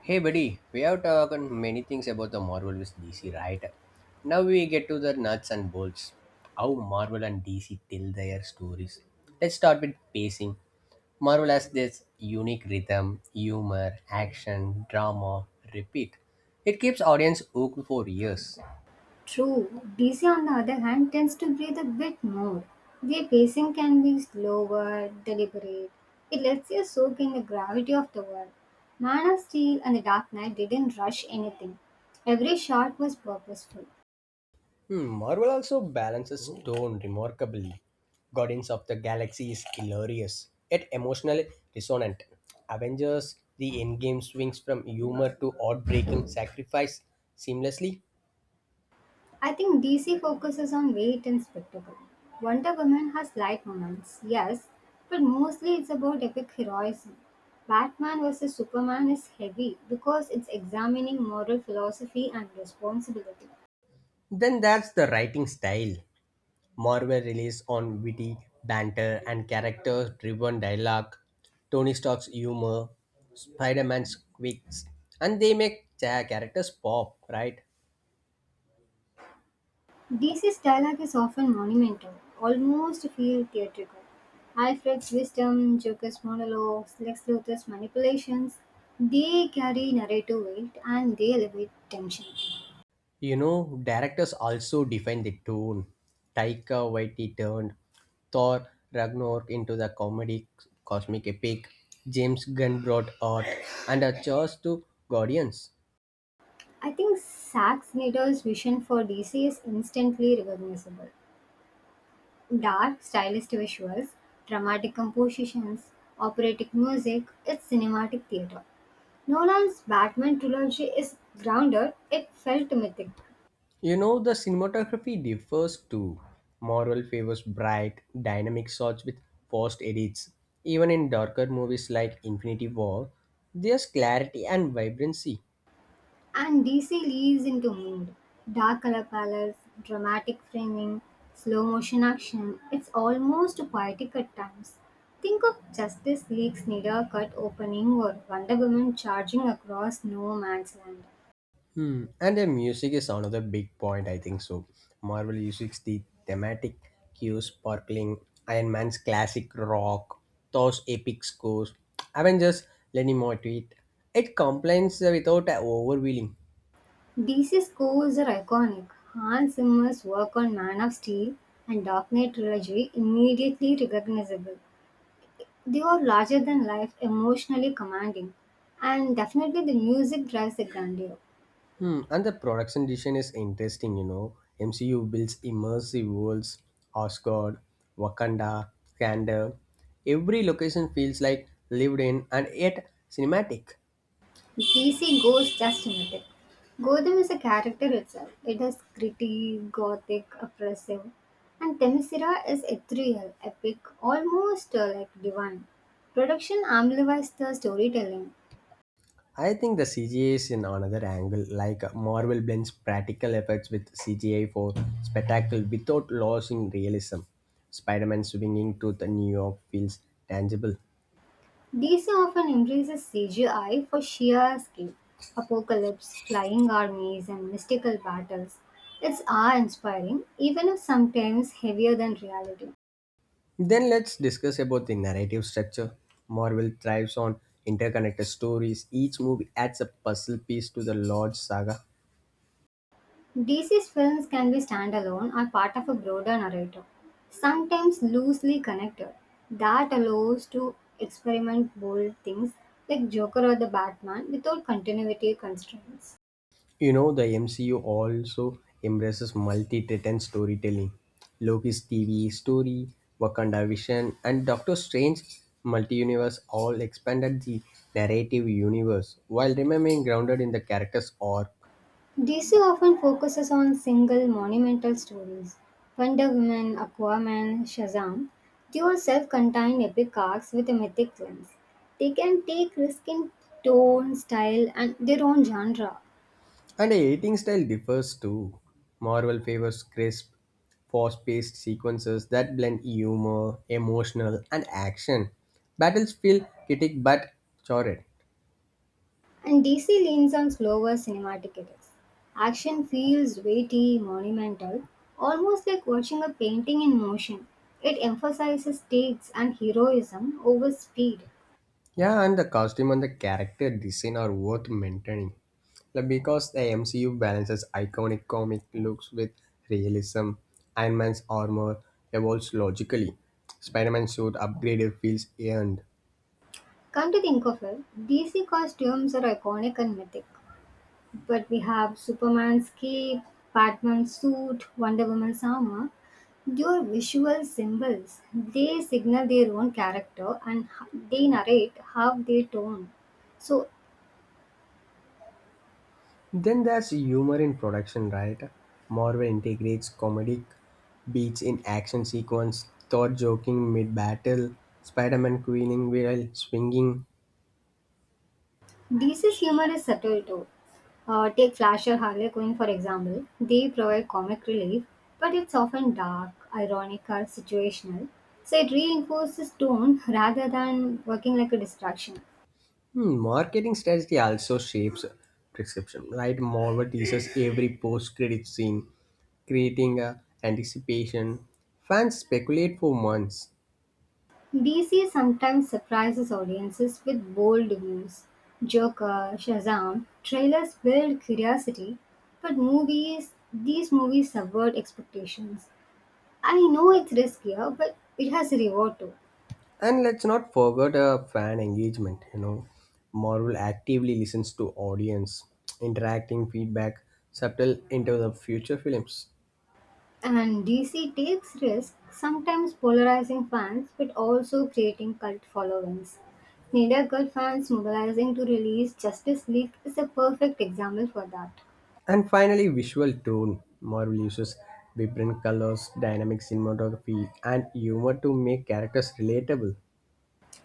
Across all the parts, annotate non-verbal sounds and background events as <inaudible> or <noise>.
Hey buddy, we have talked many things about the Marvel vs DC, right? Now we get to the nuts and bolts. How Marvel and DC tell their stories. Let's start with pacing. Marvel has this unique rhythm, humor, action, drama, repeat. It keeps audience hooked for years. True, DC on the other hand tends to breathe a bit more. Their pacing can be slower, deliberate. It lets you soak in the gravity of the world. Man of Steel and The Dark Knight didn't rush anything. Every shot was purposeful. Marvel also balances tone remarkably. Guardians of the Galaxy is hilarious, yet emotionally dissonant. Avengers, the endgame swings from humor to heartbreaking sacrifice seamlessly. I think DC focuses on weight and spectacle. Wonder Woman has light moments, yes, but mostly it's about epic heroism. Batman vs Superman is heavy because it's examining moral philosophy and responsibility. Then that's the writing style. Marvel relies on witty banter and character driven dialogue, Tony Stark's humor, Spider Man's quirks, and they make characters pop, right? Dece's dialogue is often monumental, almost feel theatrical. Alfred's wisdom, Joker's monologues, Lex Luthor's manipulations, they carry narrative weight and they elevate tension. You know, directors also define the tone. Taika Waititi turned Thor Ragnarok into the comedy cosmic epic. James Gunn brought art and a charge to Guardians. I think Zack Snyder's vision for DC is instantly recognizable. Dark, stylized visuals, dramatic compositions, operatic music, it's cinematic theater. Nolan's Batman trilogy is grounded, it felt mythic. You know, the cinematography differs too. Marvel favors bright, dynamic shots with fast edits. Even in darker movies like Infinity War, there's clarity and vibrancy. And DC leaves into mood. Dark color palettes, dramatic framing, slow motion action. It's almost poetic at times. Think of Justice League's needle cut opening or Wonder Woman charging across no man's land. Hmm. And the music is another big point, I think so. Marvel uses the thematic cues, sparkling Iron Man's classic rock, Thor's epic scores, Avengers, Lenny more to it. It complains without overwhelming. DC scores are iconic. Hans Zimmer's work on Man of Steel and Dark Knight trilogy immediately recognizable. They are larger than life, emotionally commanding, and definitely the music drives the grandeur. Hmm. And the production design is interesting, you know. MCU builds immersive worlds, Asgard, Wakanda, Kanda. Every location feels like lived in and yet cinematic. DC goes just another. Gotham is a character itself. It is gritty, gothic, oppressive. And Themyscira is ethereal, epic, almost like divine. Production amplifies the storytelling. I think the CGI is in another angle, like Marvel blends practical effects with CGI for spectacle without losing realism. Spider Man swinging to the New York feels tangible. DC often embraces CGI for sheer scale, apocalypse, flying armies, and mystical battles. It's awe inspiring, even if sometimes heavier than reality. Then let's discuss about the narrative structure. Marvel thrives on interconnected stories. Each movie adds a puzzle piece to the large saga. DC's films can be standalone or part of a broader narrative, sometimes loosely connected. That allows to experiment bold things like Joker or the Batman without continuity constraints. You know, the MCU also embraces multi-threaded storytelling. Loki's TV story, Wakanda Vision, and Doctor Strange multi-universe all expanded the narrative universe while remaining grounded in the character's arc. DC often focuses on single monumental stories. Wonder Woman, Aquaman, Shazam, they are self-contained epic arcs with a mythic lens. They can take risk in tone, style, and their own genre. And the editing style differs too. Marvel favors crisp, fast-paced sequences that blend humor, emotional, and action. Battles feel kinetic but charted. And DC leans on slower cinematic edits. Action feels weighty, monumental, almost like watching a painting in motion. It emphasizes stakes and heroism over speed. Yeah, and the costume and the character design are worth maintaining. Like because the MCU balances iconic comic looks with realism, Iron Man's armor evolves logically, Spider Man's suit upgraded feels earned. Come to think of it, DC costumes are iconic and mythic, but we have Superman's cape, Batman's suit, Wonder Woman's armor. Your visual symbols, they signal their own character and they narrate how they tone. So Then there's humor in production, right? Marvel integrates comedic beats in action sequence, Thor joking mid battle, Spider Man queening while swinging. DC's humor is subtle too. Take Flash or Harley Quinn for example. They provide comic relief, but it's often dark, ironic, or situational. So it reinforces tone rather than working like a distraction. Marketing strategy also shapes prescription, right? Marvel teases every post-credit scene, creating a anticipation. Fans speculate for months. DC sometimes surprises audiences with bold views. Joker, Shazam, trailers build curiosity, but movies, these movies subvert expectations. I know it's riskier, but it has a reward too. And let's not forget fan engagement, you know. Marvel actively listens to audience, interacting feedback, subtle into the future films. And DC takes risks, sometimes polarizing fans but also creating cult followings. Snyder Cut fans mobilizing to release Justice League is a perfect example for that. And finally, visual tone. Marvel uses vibrant colors, dynamic cinematography, and humor to make characters relatable.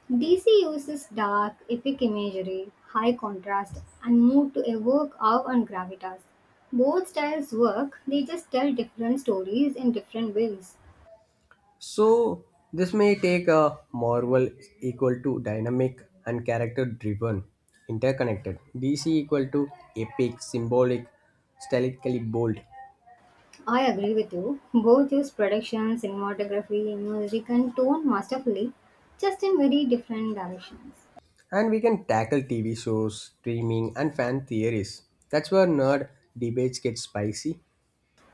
DC uses dark, epic imagery, high contrast, and mood to evoke awe and gravitas. Both styles work, they just tell different stories in different ways. So, this may take a Marvel equal to dynamic and character driven, interconnected, DC equal to epic, symbolic, stylistically bold. I agree with you. Both use production, cinematography, music, and tone masterfully, just in very different directions. And we can tackle TV shows, streaming, and fan theories. That's where nerd debates get spicy.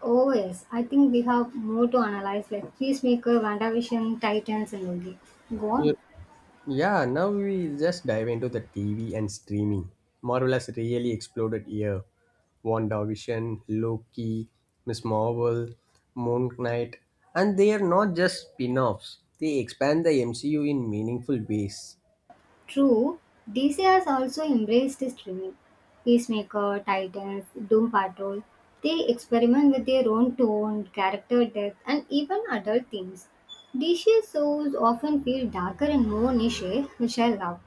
Oh, yes, I think we have more to analyze like Peacemaker, WandaVision, Titans, and Loki. Go You, on. Yeah, now we just dive into the TV and streaming. Marvel has really exploded here. WandaVision, Loki, Miss Marvel, Moon Knight, and they are not just spin offs, they expand the MCU in meaningful ways. True, DC has also embraced streaming. Peacemaker, Titans, Doom Patrol. They experiment with their own tone, character depth, and even adult themes. DC shows often feel darker and more niche, which I love.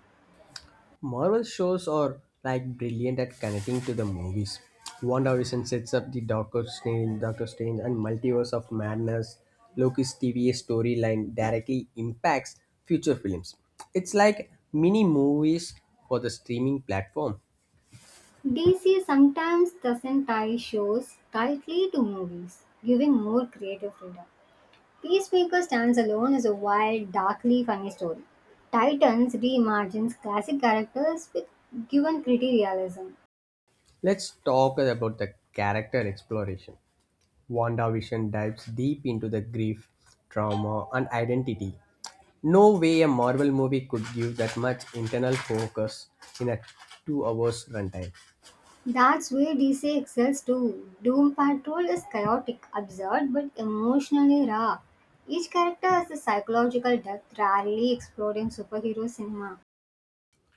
Marvel shows are like brilliant at connecting to the movies. WandaVision sets up the Doctor Strange, Doctor Strange and Multiverse of Madness. Loki's TVA storyline directly impacts future films. It's like mini movies for the streaming platform. DC sometimes doesn't tie shows tightly to movies, giving more creative freedom. Peacemaker stands alone as a wild, darkly funny story. Titans reimagines classic characters with given pretty realism. Let's talk about the character exploration. WandaVision dives deep into the grief, trauma, and identity. No way a Marvel movie could give that much internal focus in a 2 hour runtime. That's where DC excels too. Doom Patrol is chaotic, absurd, but emotionally raw. Each character has a psychological depth rarely explored in superhero cinema.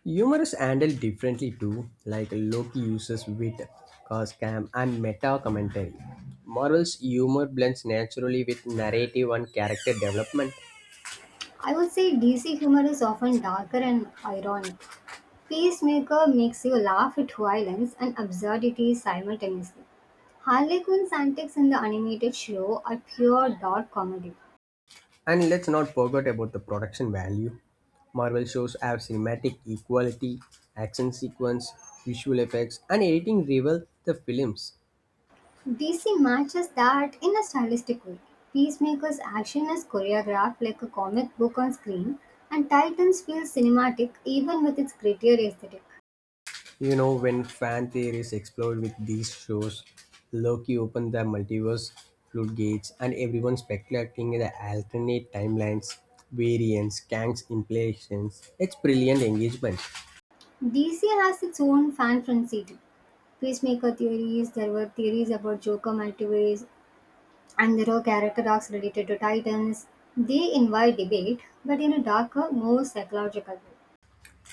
Humor is handled differently too, like Loki uses wit, coscam, and meta commentary. Marvel's humor blends naturally with narrative and character development. I would say DC humor is often darker and ironic. Peacemaker makes you laugh at violence and absurdity simultaneously. Harley Quinn's antics in the animated show are pure dark comedy. And let's not forget about the production value. Marvel shows have cinematic equality, action sequence, visual effects, and editing rival the films. DC matches that in a stylistic way. Peacemaker's action is choreographed like a comic book on screen, and Titans feels cinematic even with its grittier aesthetic. You know, when fan theories explode with these shows, Loki opened the multiverse floodgates and everyone speculating in the alternate timelines, variants, Kang's implications. It's brilliant engagement. DC has its own fan frenzy too. Peacemaker theories, there were theories about Joker multiverse, and there are character arcs related to Titans. They invite debate, but in a darker, more psychological way.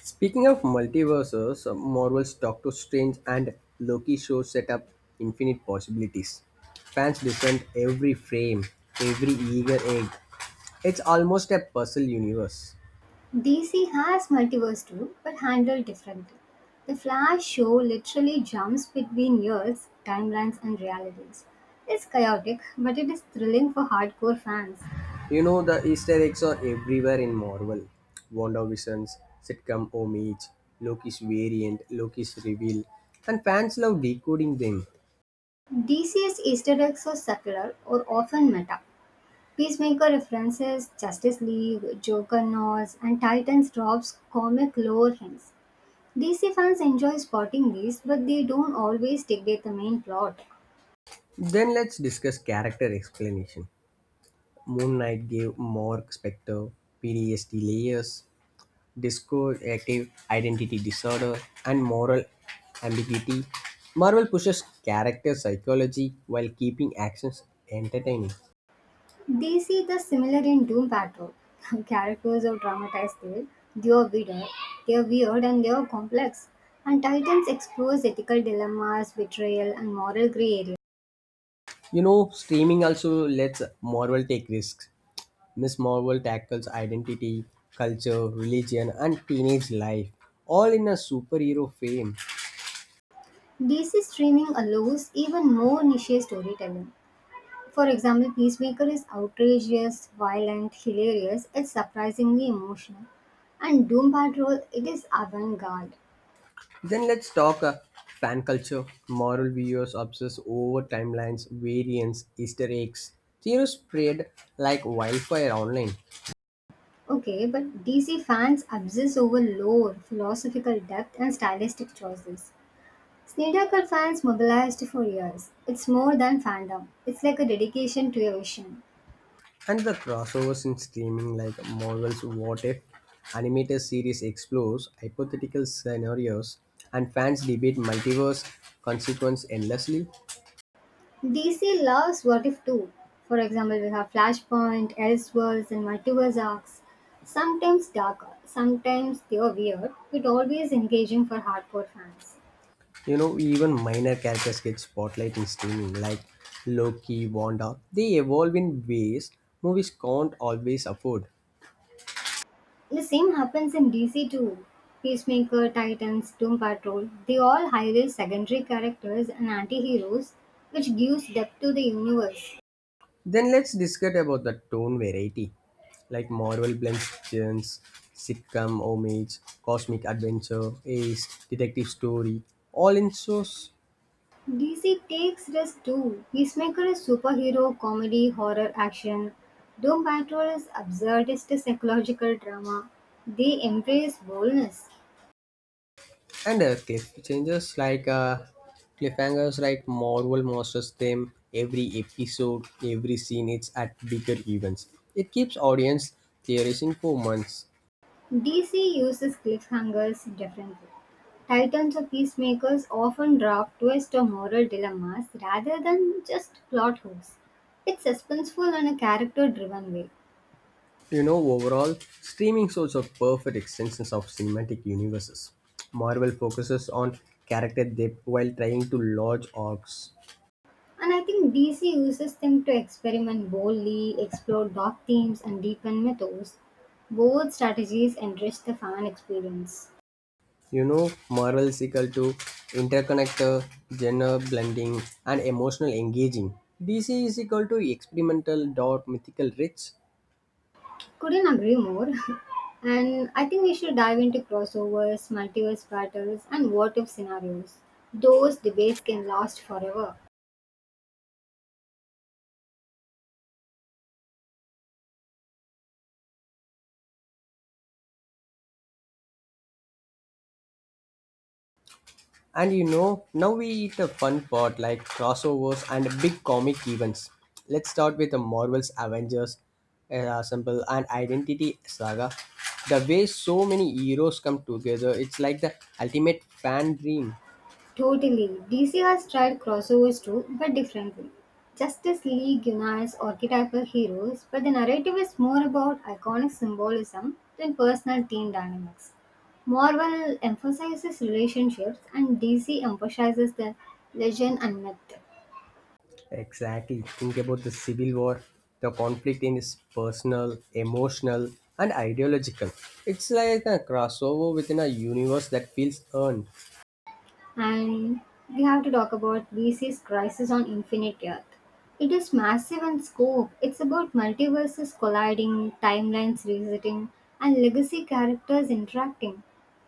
Speaking of multiverses, Marvel's Doctor Strange and Loki show set up infinite possibilities. Fans defend every frame, every eager egg. It's almost a puzzle universe. DC has multiverse too, but handled differently. The Flash show literally jumps between years, timelines, and realities. It's chaotic, but it is thrilling for hardcore fans. You know the Easter eggs are everywhere in Marvel. WandaVision's sitcom homage, Loki's variant, Loki's reveal, and fans love decoding them. DC's Easter eggs are subtler or often meta. Peacemaker references Justice League, Joker nods, and Titans drops comic lore hints. DC fans enjoy spotting these, but they don't always dictate the main plot. Then let's discuss character explanation. Moon Knight gave Mark Spector PTSD layers, disco identity disorder, and moral ambiguity. Marvel pushes character psychology while keeping actions entertaining. They see the similar in Doom Patrol. <laughs> Characters are dramatized there, they are weird, they are weird and they are complex. And Titans explores ethical dilemmas, betrayal, and moral gray area. You know, streaming also lets Marvel take risks. Miss Marvel tackles identity, culture, religion, and teenage life, all in a superhero frame. DC streaming allows even more niche storytelling. For example, Peacemaker is outrageous, violent, hilarious, it's surprisingly emotional. And Doom Patrol, it is avant-garde. Then let's talk fan culture. Marvel viewers obsess over timelines, variants, Easter eggs. Theories spread like wildfire online, Okay, but DC fans obsess over lore, philosophical depth, and stylistic choices. Snedeker fans mobilized for years. It's more than fandom, it's like a dedication to a vision. and the crossovers in streaming, like Marvel's What If, animated series explores hypothetical scenarios, and fans debate multiverse consequence endlessly. DC loves What If too. For example, we have Flashpoint, Elseworlds, and multiverse arcs. Sometimes darker, sometimes they are weird, but always engaging for hardcore fans. You know, even minor characters get spotlight in streaming, like Loki, Wanda. They evolve in ways movies can't always afford. The same happens in DC too. Peacemaker, Titans, Doom Patrol, they all highlight secondary characters and anti-heroes, which gives depth to the universe. Then let's discuss about the tone variety, like Marvel blends genres, sitcom homage, cosmic adventure, ace, detective story, all in shows. DC takes risks too. Peacemaker is superhero, comedy, horror, action. Doom Patrol is absurdist psychological drama. They embrace boldness. And cliffhangers, like Marvel masters them every episode, every scene. It's at bigger events. It keeps audience theorizing for months. DC uses cliffhangers differently; Titans or Peacemakers often drop twist or moral dilemmas rather than just plot hooks. It's suspenseful in a character driven way. You know, overall, streaming shows are perfect extensions of cinematic universes. Marvel focuses on character depth while trying to launch arcs. And I think DC uses them to experiment boldly, explore dark themes, and deepen mythos. Both strategies enrich the fan experience. You know, morals equal to interconnector, gender blending, and emotional engaging. DC is equal to experimental dot mythical rich. Couldn't agree more. <laughs> And I think we should dive into crossovers, multiverse battles, and what if scenarios. Those debates can last forever. And you know, now we eat a fun part like crossovers and big comic events. Let's start with the Marvel's Avengers sample and Identity Saga. The way so many heroes come together, it's like the ultimate fan dream. Totally. DC has tried crossovers too, but differently. Justice League unites archetypal heroes, but the narrative is more about iconic symbolism than personal team dynamics. Marvel emphasizes relationships, and DC emphasizes the legend and myth. Exactly. Think about the civil war. The conflict in is personal, emotional, and ideological. It's like a crossover within a universe that feels earned. And we have to talk about DC's Crisis on Infinite Earth. It is massive in scope. It's about multiverses colliding, timelines resetting, and legacy characters interacting.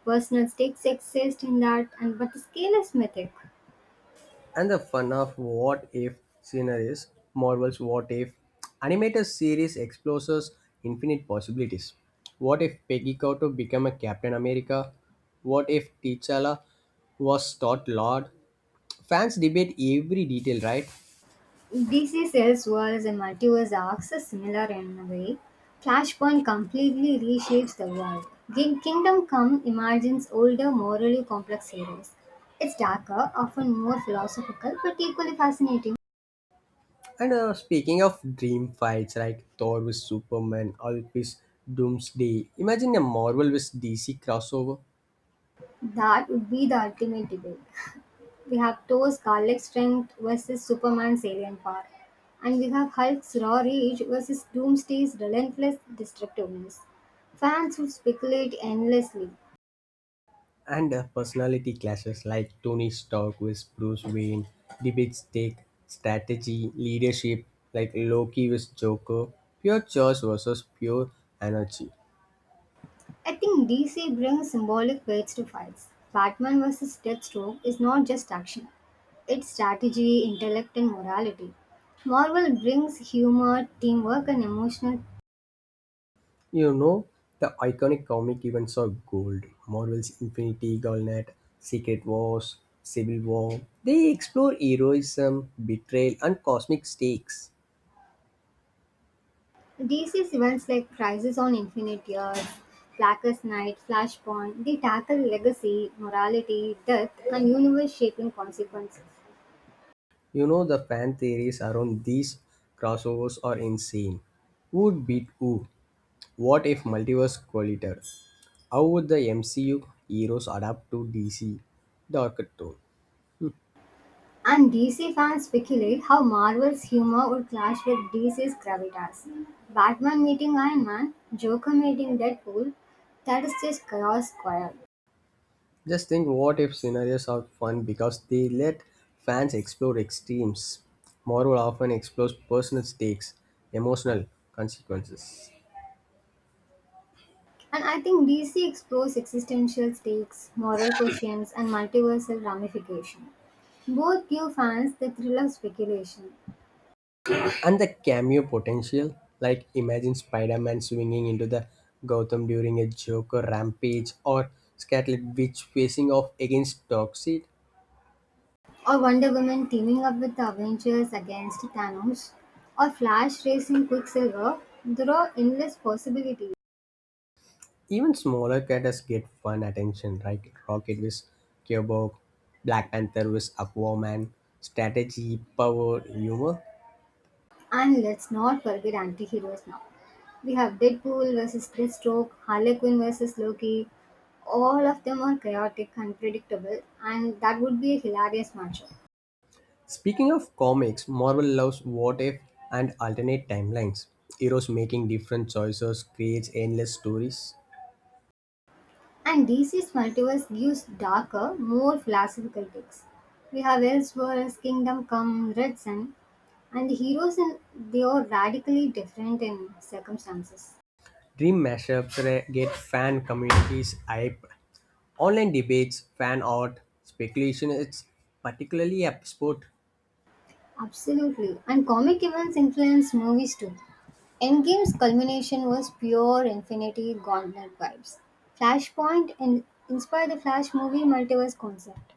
Personal stakes exist in that, and but the scale is mythic. And the fun of what if scenarios, Marvel's What If, animated series explores infinite possibilities. What if Peggy Carter became a Captain America? What if T'Challa was taught Lord? Fans debate every detail, right? DC Sales was a multiverse arcs, so similar in a way. Flashpoint completely reshapes the world. Kingdom Come imagines older, morally complex heroes. It's darker, often more philosophical, but equally fascinating. And speaking of dream fights like Thor with Superman, Hulk with Doomsday, imagine a Marvel with DC crossover. That would be the ultimate debate. We have Thor's garlic strength versus Superman's alien power. And we have Hulk's raw rage versus Doomsday's relentless destructiveness. Fans would speculate endlessly. And personality clashes like Tony Stark with Bruce Wayne, debates take strategy, leadership like Loki with Joker, pure choice versus pure energy. I think DC brings symbolic weights to fights. Batman vs. Deathstroke is not just action, it's strategy, intellect, and morality. Marvel brings humor, teamwork, and emotional. You know, the iconic comic events of gold, Marvel's Infinity Gauntlet, Secret Wars, Civil War, they explore heroism, betrayal, and cosmic stakes. DC's events like Crisis on Infinite Earths, Blackest Night, Flashpoint, they tackle legacy, morality, death, and universe shaping consequences. You know, the fan theories around these crossovers are insane. Who'd beat who? What if multiverse collided? How would the MCU heroes adapt to DC 's darker tone? And DC fans speculate how Marvel's humor would clash with DC's gravitas. Batman meeting Iron Man, Joker meeting Deadpool, that is just chaos squared. Just think what if scenarios are fun because they let fans explore extremes. Marvel often explores personal stakes, emotional consequences, And I think DC explores existential stakes, moral questions, and multiversal ramifications. Both give fans the thrill of speculation. and the cameo potential. Like imagine Spider Man swinging into the Gotham during a Joker rampage, or Scarlet Witch facing off against Darkseid. Or Wonder Woman teaming up with the Avengers against Thanos, or Flash racing Quicksilver, there are endless possibilities. Even smaller characters get fun attention, right? Rocket with Cubone, Black Panther with Aquaman, strategy, power, humor. And let's not forget anti-heroes now. We have Deadpool versus Deathstroke, Harley Quinn versus Loki. All of them are chaotic, unpredictable, and that would be a hilarious matchup. Speaking of comics, Marvel loves what if and alternate timelines. Heroes making different choices creates endless stories. And DC's multiverse gives darker, more philosophical takes. We have Elseworlds, Kingdom Come, Red Sun, and the heroes in they are radically different in circumstances. Dream mashups get fan communities hype. Online debates, fan art, speculation. It's particularly a sport. Absolutely. And comic events influenced movies too. Endgame's culmination was pure Infinity Gauntlet vibes. Flashpoint inspired the Flash movie multiverse concept,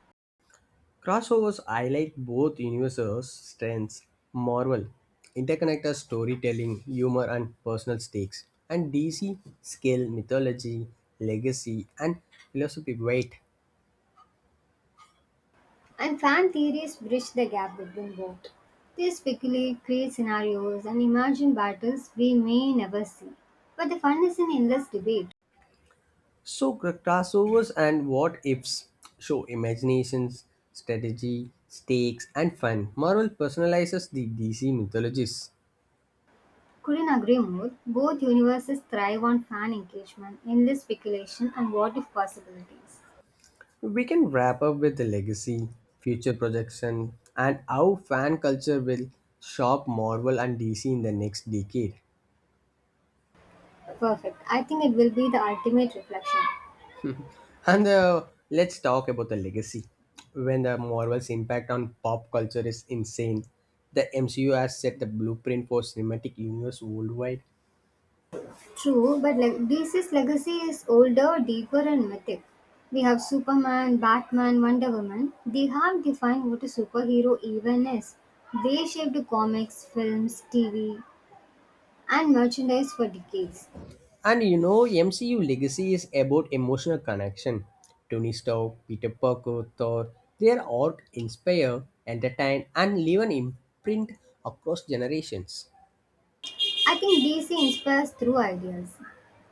Crossovers highlight both universes' strengths. Marvel interconnected storytelling, humor, and personal stakes. And DC scale mythology, legacy, and philosophy weight. and fan theories bridge the gap between both. They speculate, create scenarios, and imagine battles we may never see. But the fun is in endless debate. So crossovers and what ifs show imaginations, strategy, stakes, and fun. Marvel personalizes the DC mythologies. Couldn't agree more. Both universes thrive on fan engagement, endless speculation, and what if possibilities. We can wrap up with the legacy, future projection, and how fan culture will shop Marvel and DC in the next decade. Perfect. I think it will be the ultimate reflection. And let's talk about the legacy. When the Marvel's impact on pop culture is insane, the MCU has set the blueprint for cinematic universe worldwide. True, but like DC's legacy is older, deeper, and mythic. We have Superman, Batman, Wonder Woman. They have defined what a superhero even is. They shaped comics, films, TV, and merchandise for decades. And you know, MCU legacy is about emotional connection. Tony Stark, Peter Parker, Thor, they are art inspire, entertain, and leave an imprint across generations. I think DC inspires through ideas.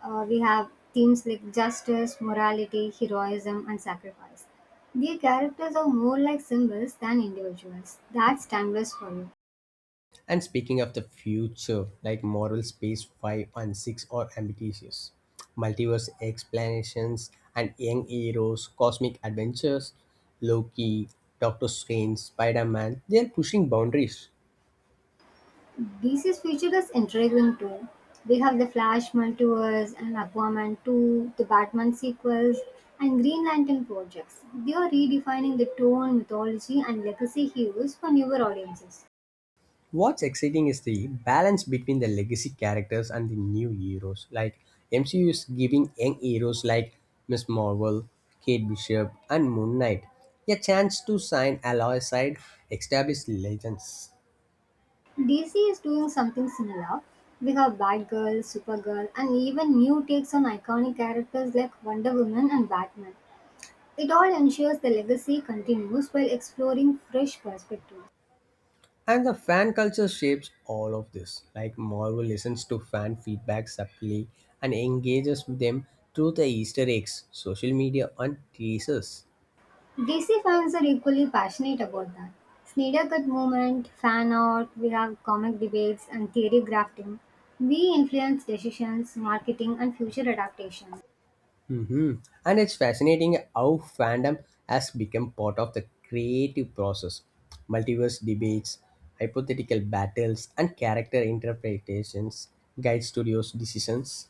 We have themes like justice, morality, heroism, and sacrifice. Their characters are more like symbols than individuals. That's timeless for you. And speaking of the future, like Marvel Space 5 and 6 are ambitious. Multiverse explanations and young heroes, cosmic adventures, Loki, Doctor Strange, Spider Man, they are pushing boundaries. DC's future is intriguing too: we have the Flash multiverse and Aquaman two, the Batman sequels, and Green Lantern projects. They are redefining the tone, mythology, and legacy heroes for newer audiences. What's exciting is the balance between the legacy characters and the new heroes. Like MCU is giving young heroes like Miss Marvel, Kate Bishop, and Moon Knight a chance to shine alongside established legends. DC is doing something similar. We have Batgirl, Supergirl, and even new takes on iconic characters like Wonder Woman and Batman. It all ensures the legacy continues while exploring fresh perspectives. And the fan culture shapes all of this. Like Marvel listens to fan feedback subtly and engages with them through the Easter eggs, social media, and teasers. DC fans are equally passionate about that. Snyder Cut movement, fan art, we have comic debates and theory grafting. We influence decisions, marketing, and future adaptations. hmm And it's fascinating how fandom has become part of the creative process. Multiverse debates, hypothetical battles, and character interpretations guide studios' decisions.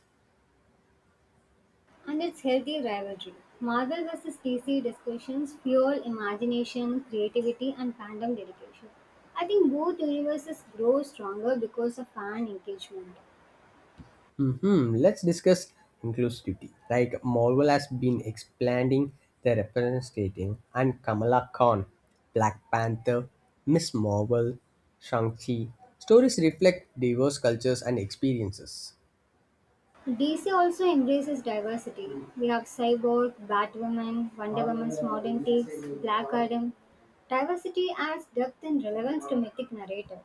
And it's healthy rivalry. Marvel vs. DC discussions fuel imagination, creativity, and fandom dedication. I think both universes grow stronger because of fan engagement. Let's discuss inclusivity. Like Marvel has been expanding their representation, and Kamala Khan, Black Panther, Miss Marvel, Shang-Chi. Stories reflect diverse cultures and experiences. DC also embraces diversity. We have Cyborg, Batwoman, Wonder Woman's Modern Takes, Black Adam. Diversity adds depth and relevance to mythic narrative.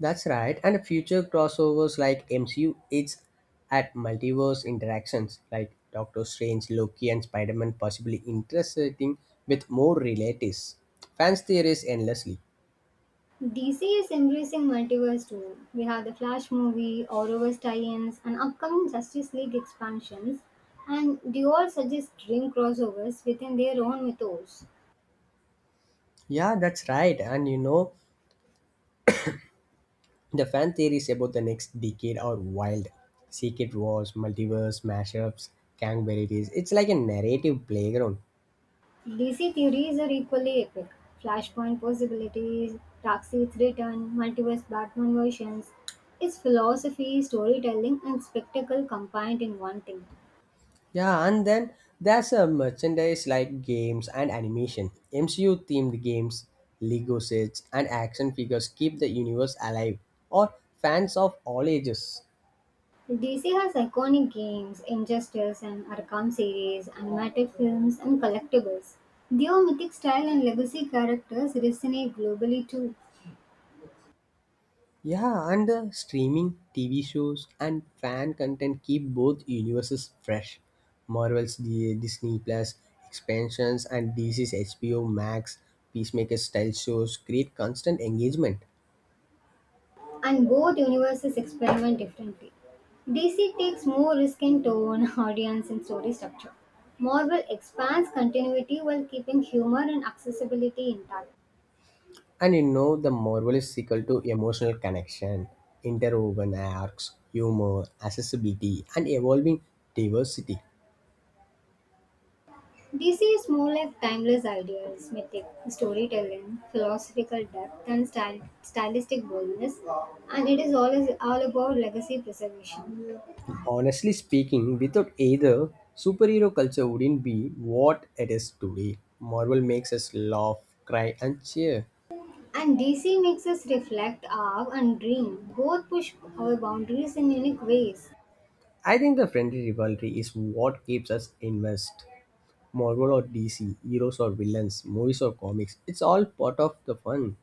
That's right, and future crossovers like MCU it's at multiverse interactions like Doctor Strange, Loki, and Spider Man possibly intersecting with more relatives. Fans theories endlessly. DC is embracing multiverse too. We have the Flash movie, Arrowverse tie-ins, and upcoming Justice League expansions. And they all suggest dream crossovers within their own mythos. Yeah, that's right, and you know the fan theories about the next decade are wild. Secret wars, multiverse mashups, gang varieties. It's like a narrative playground. DC theories are equally epic. Flashpoint possibilities, Darkseid's return, multiverse Batman versions. It's philosophy, storytelling, and spectacle combined in one thing. Yeah, and then there's a merchandise like games and animation. MCU themed games, Lego sets, and action figures keep the universe alive or fans of all ages. DC has iconic games, Injustice and Arkham series, animated films, and collectibles. Their mythic style and legacy characters resonate globally too. Yeah, and the streaming, TV shows, and fan content keep both universes fresh. Marvel's Disney Plus expansions and DC's HBO Max Peacemaker style shows create constant engagement. And both universes experiment differently. DC takes more risk in tone, <laughs> audience, and story structure. Marvel expands continuity while keeping humor and accessibility intact. And you know, the Marvel is equal to emotional connection, interwoven arcs, humor, accessibility, and evolving diversity. DC is more like timeless ideas, mythic storytelling, philosophical depth, and stylistic boldness, and it is always all about legacy preservation. Honestly speaking, without either, superhero culture wouldn't be what it is today. Marvel makes us laugh, cry, and cheer. And DC makes us reflect, our and dream. Both push our boundaries in unique ways. I think the friendly rivalry is what keeps us immersed. Marvel or DC, heroes or villains, movies or comics, it's all part of the fun.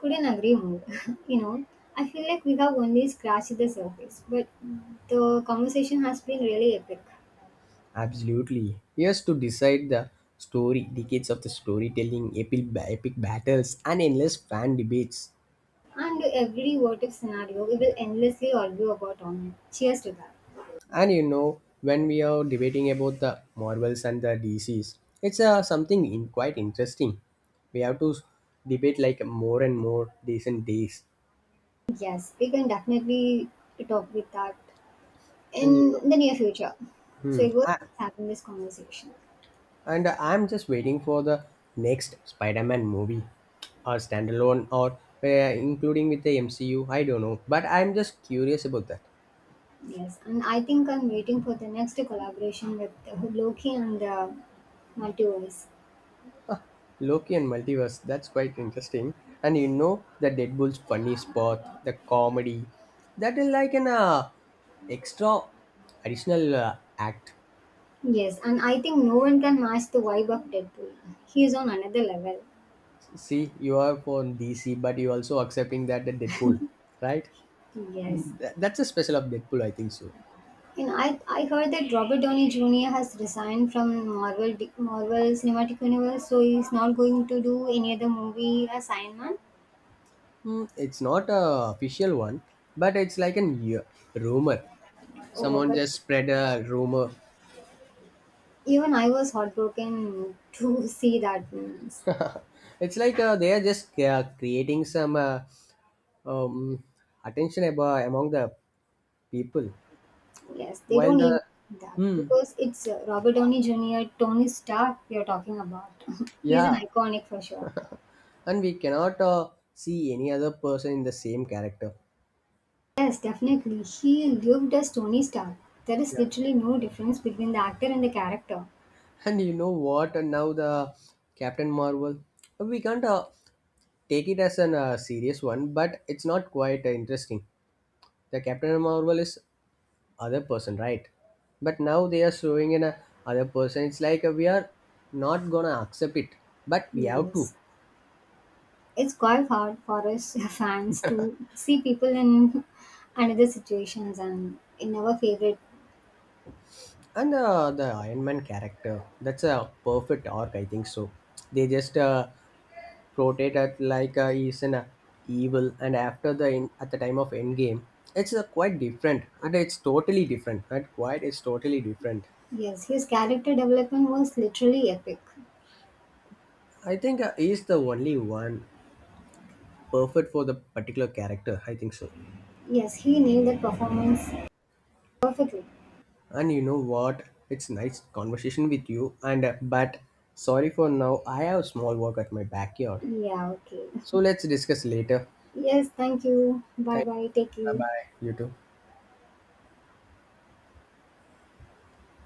Couldn't agree more. <laughs> You know, I feel like we have only scratched the surface, but the conversation has been really epic. Absolutely. He to decide the story, decades of the storytelling, epic, epic battles, and endless fan debates. And every what if scenario we will endlessly argue about online. Cheers to that. And you know, when we are debating about the Marvels and the DCs, it's something in quite interesting. We have to debate like more and more days and days. Yes, we can definitely talk with that And you know, in the near future. So hmm, it was I, having this conversation. and I'm just waiting for the next Spider-Man movie, or standalone, or including with the MCU. I don't know, but I'm just curious about that. Yes, and I think I'm waiting for the next collaboration with Loki and the multiverse. Loki and Multiverse, that's quite interesting. And you know the Deadpool's funny spot, the comedy, that is like an extra additional act. Yes, and I think no one can match the vibe of Deadpool. He is on another level. See, you are for DC, but you also accepting that the Deadpool, right? Yes. That's a special of Deadpool, I think so. And I heard that Robert Downey Jr. has resigned from Marvel Cinematic Universe, so he's not going to do any other movie as Iron Man. It's not a official one, but it's like an yeah, rumor. Oh, Someone but just spread a rumor. even I was heartbroken to <laughs> see that. Means. It's like they are just creating some um, attention about among the people Yes, they while don't the even do that hmm because it's Robert Downey Jr., Tony Stark we are talking about. <laughs> He's yeah an iconic for sure. and we cannot see any other person in the same character Yes, definitely. He lived as Tony Stark. There is yeah literally no difference between the actor and the character. and you know what and now the captain marvel we can't take it as an serious one but it's not quite interesting the captain marvel is other person right but now they are showing in a other person it's like we are not gonna accept it but we have to Yes. It's quite hard for us <laughs> fans to see people in <laughs> another situations and in our favorite. and the iron man character that's a perfect arc I think so they just portrayed it like he's an evil and after the in, at the time of endgame it's quite different and it's totally different not quite it's totally different Yes, his character development was literally epic. I think he's the only one perfect for the particular character I think so Yes, he nailed the performance perfectly. and you know what it's nice conversation with you and but sorry for now I have small work at my backyard Yeah, okay. so let's discuss later. Yes, thank you. Bye Thank bye. Take you. Bye care. bye. You too.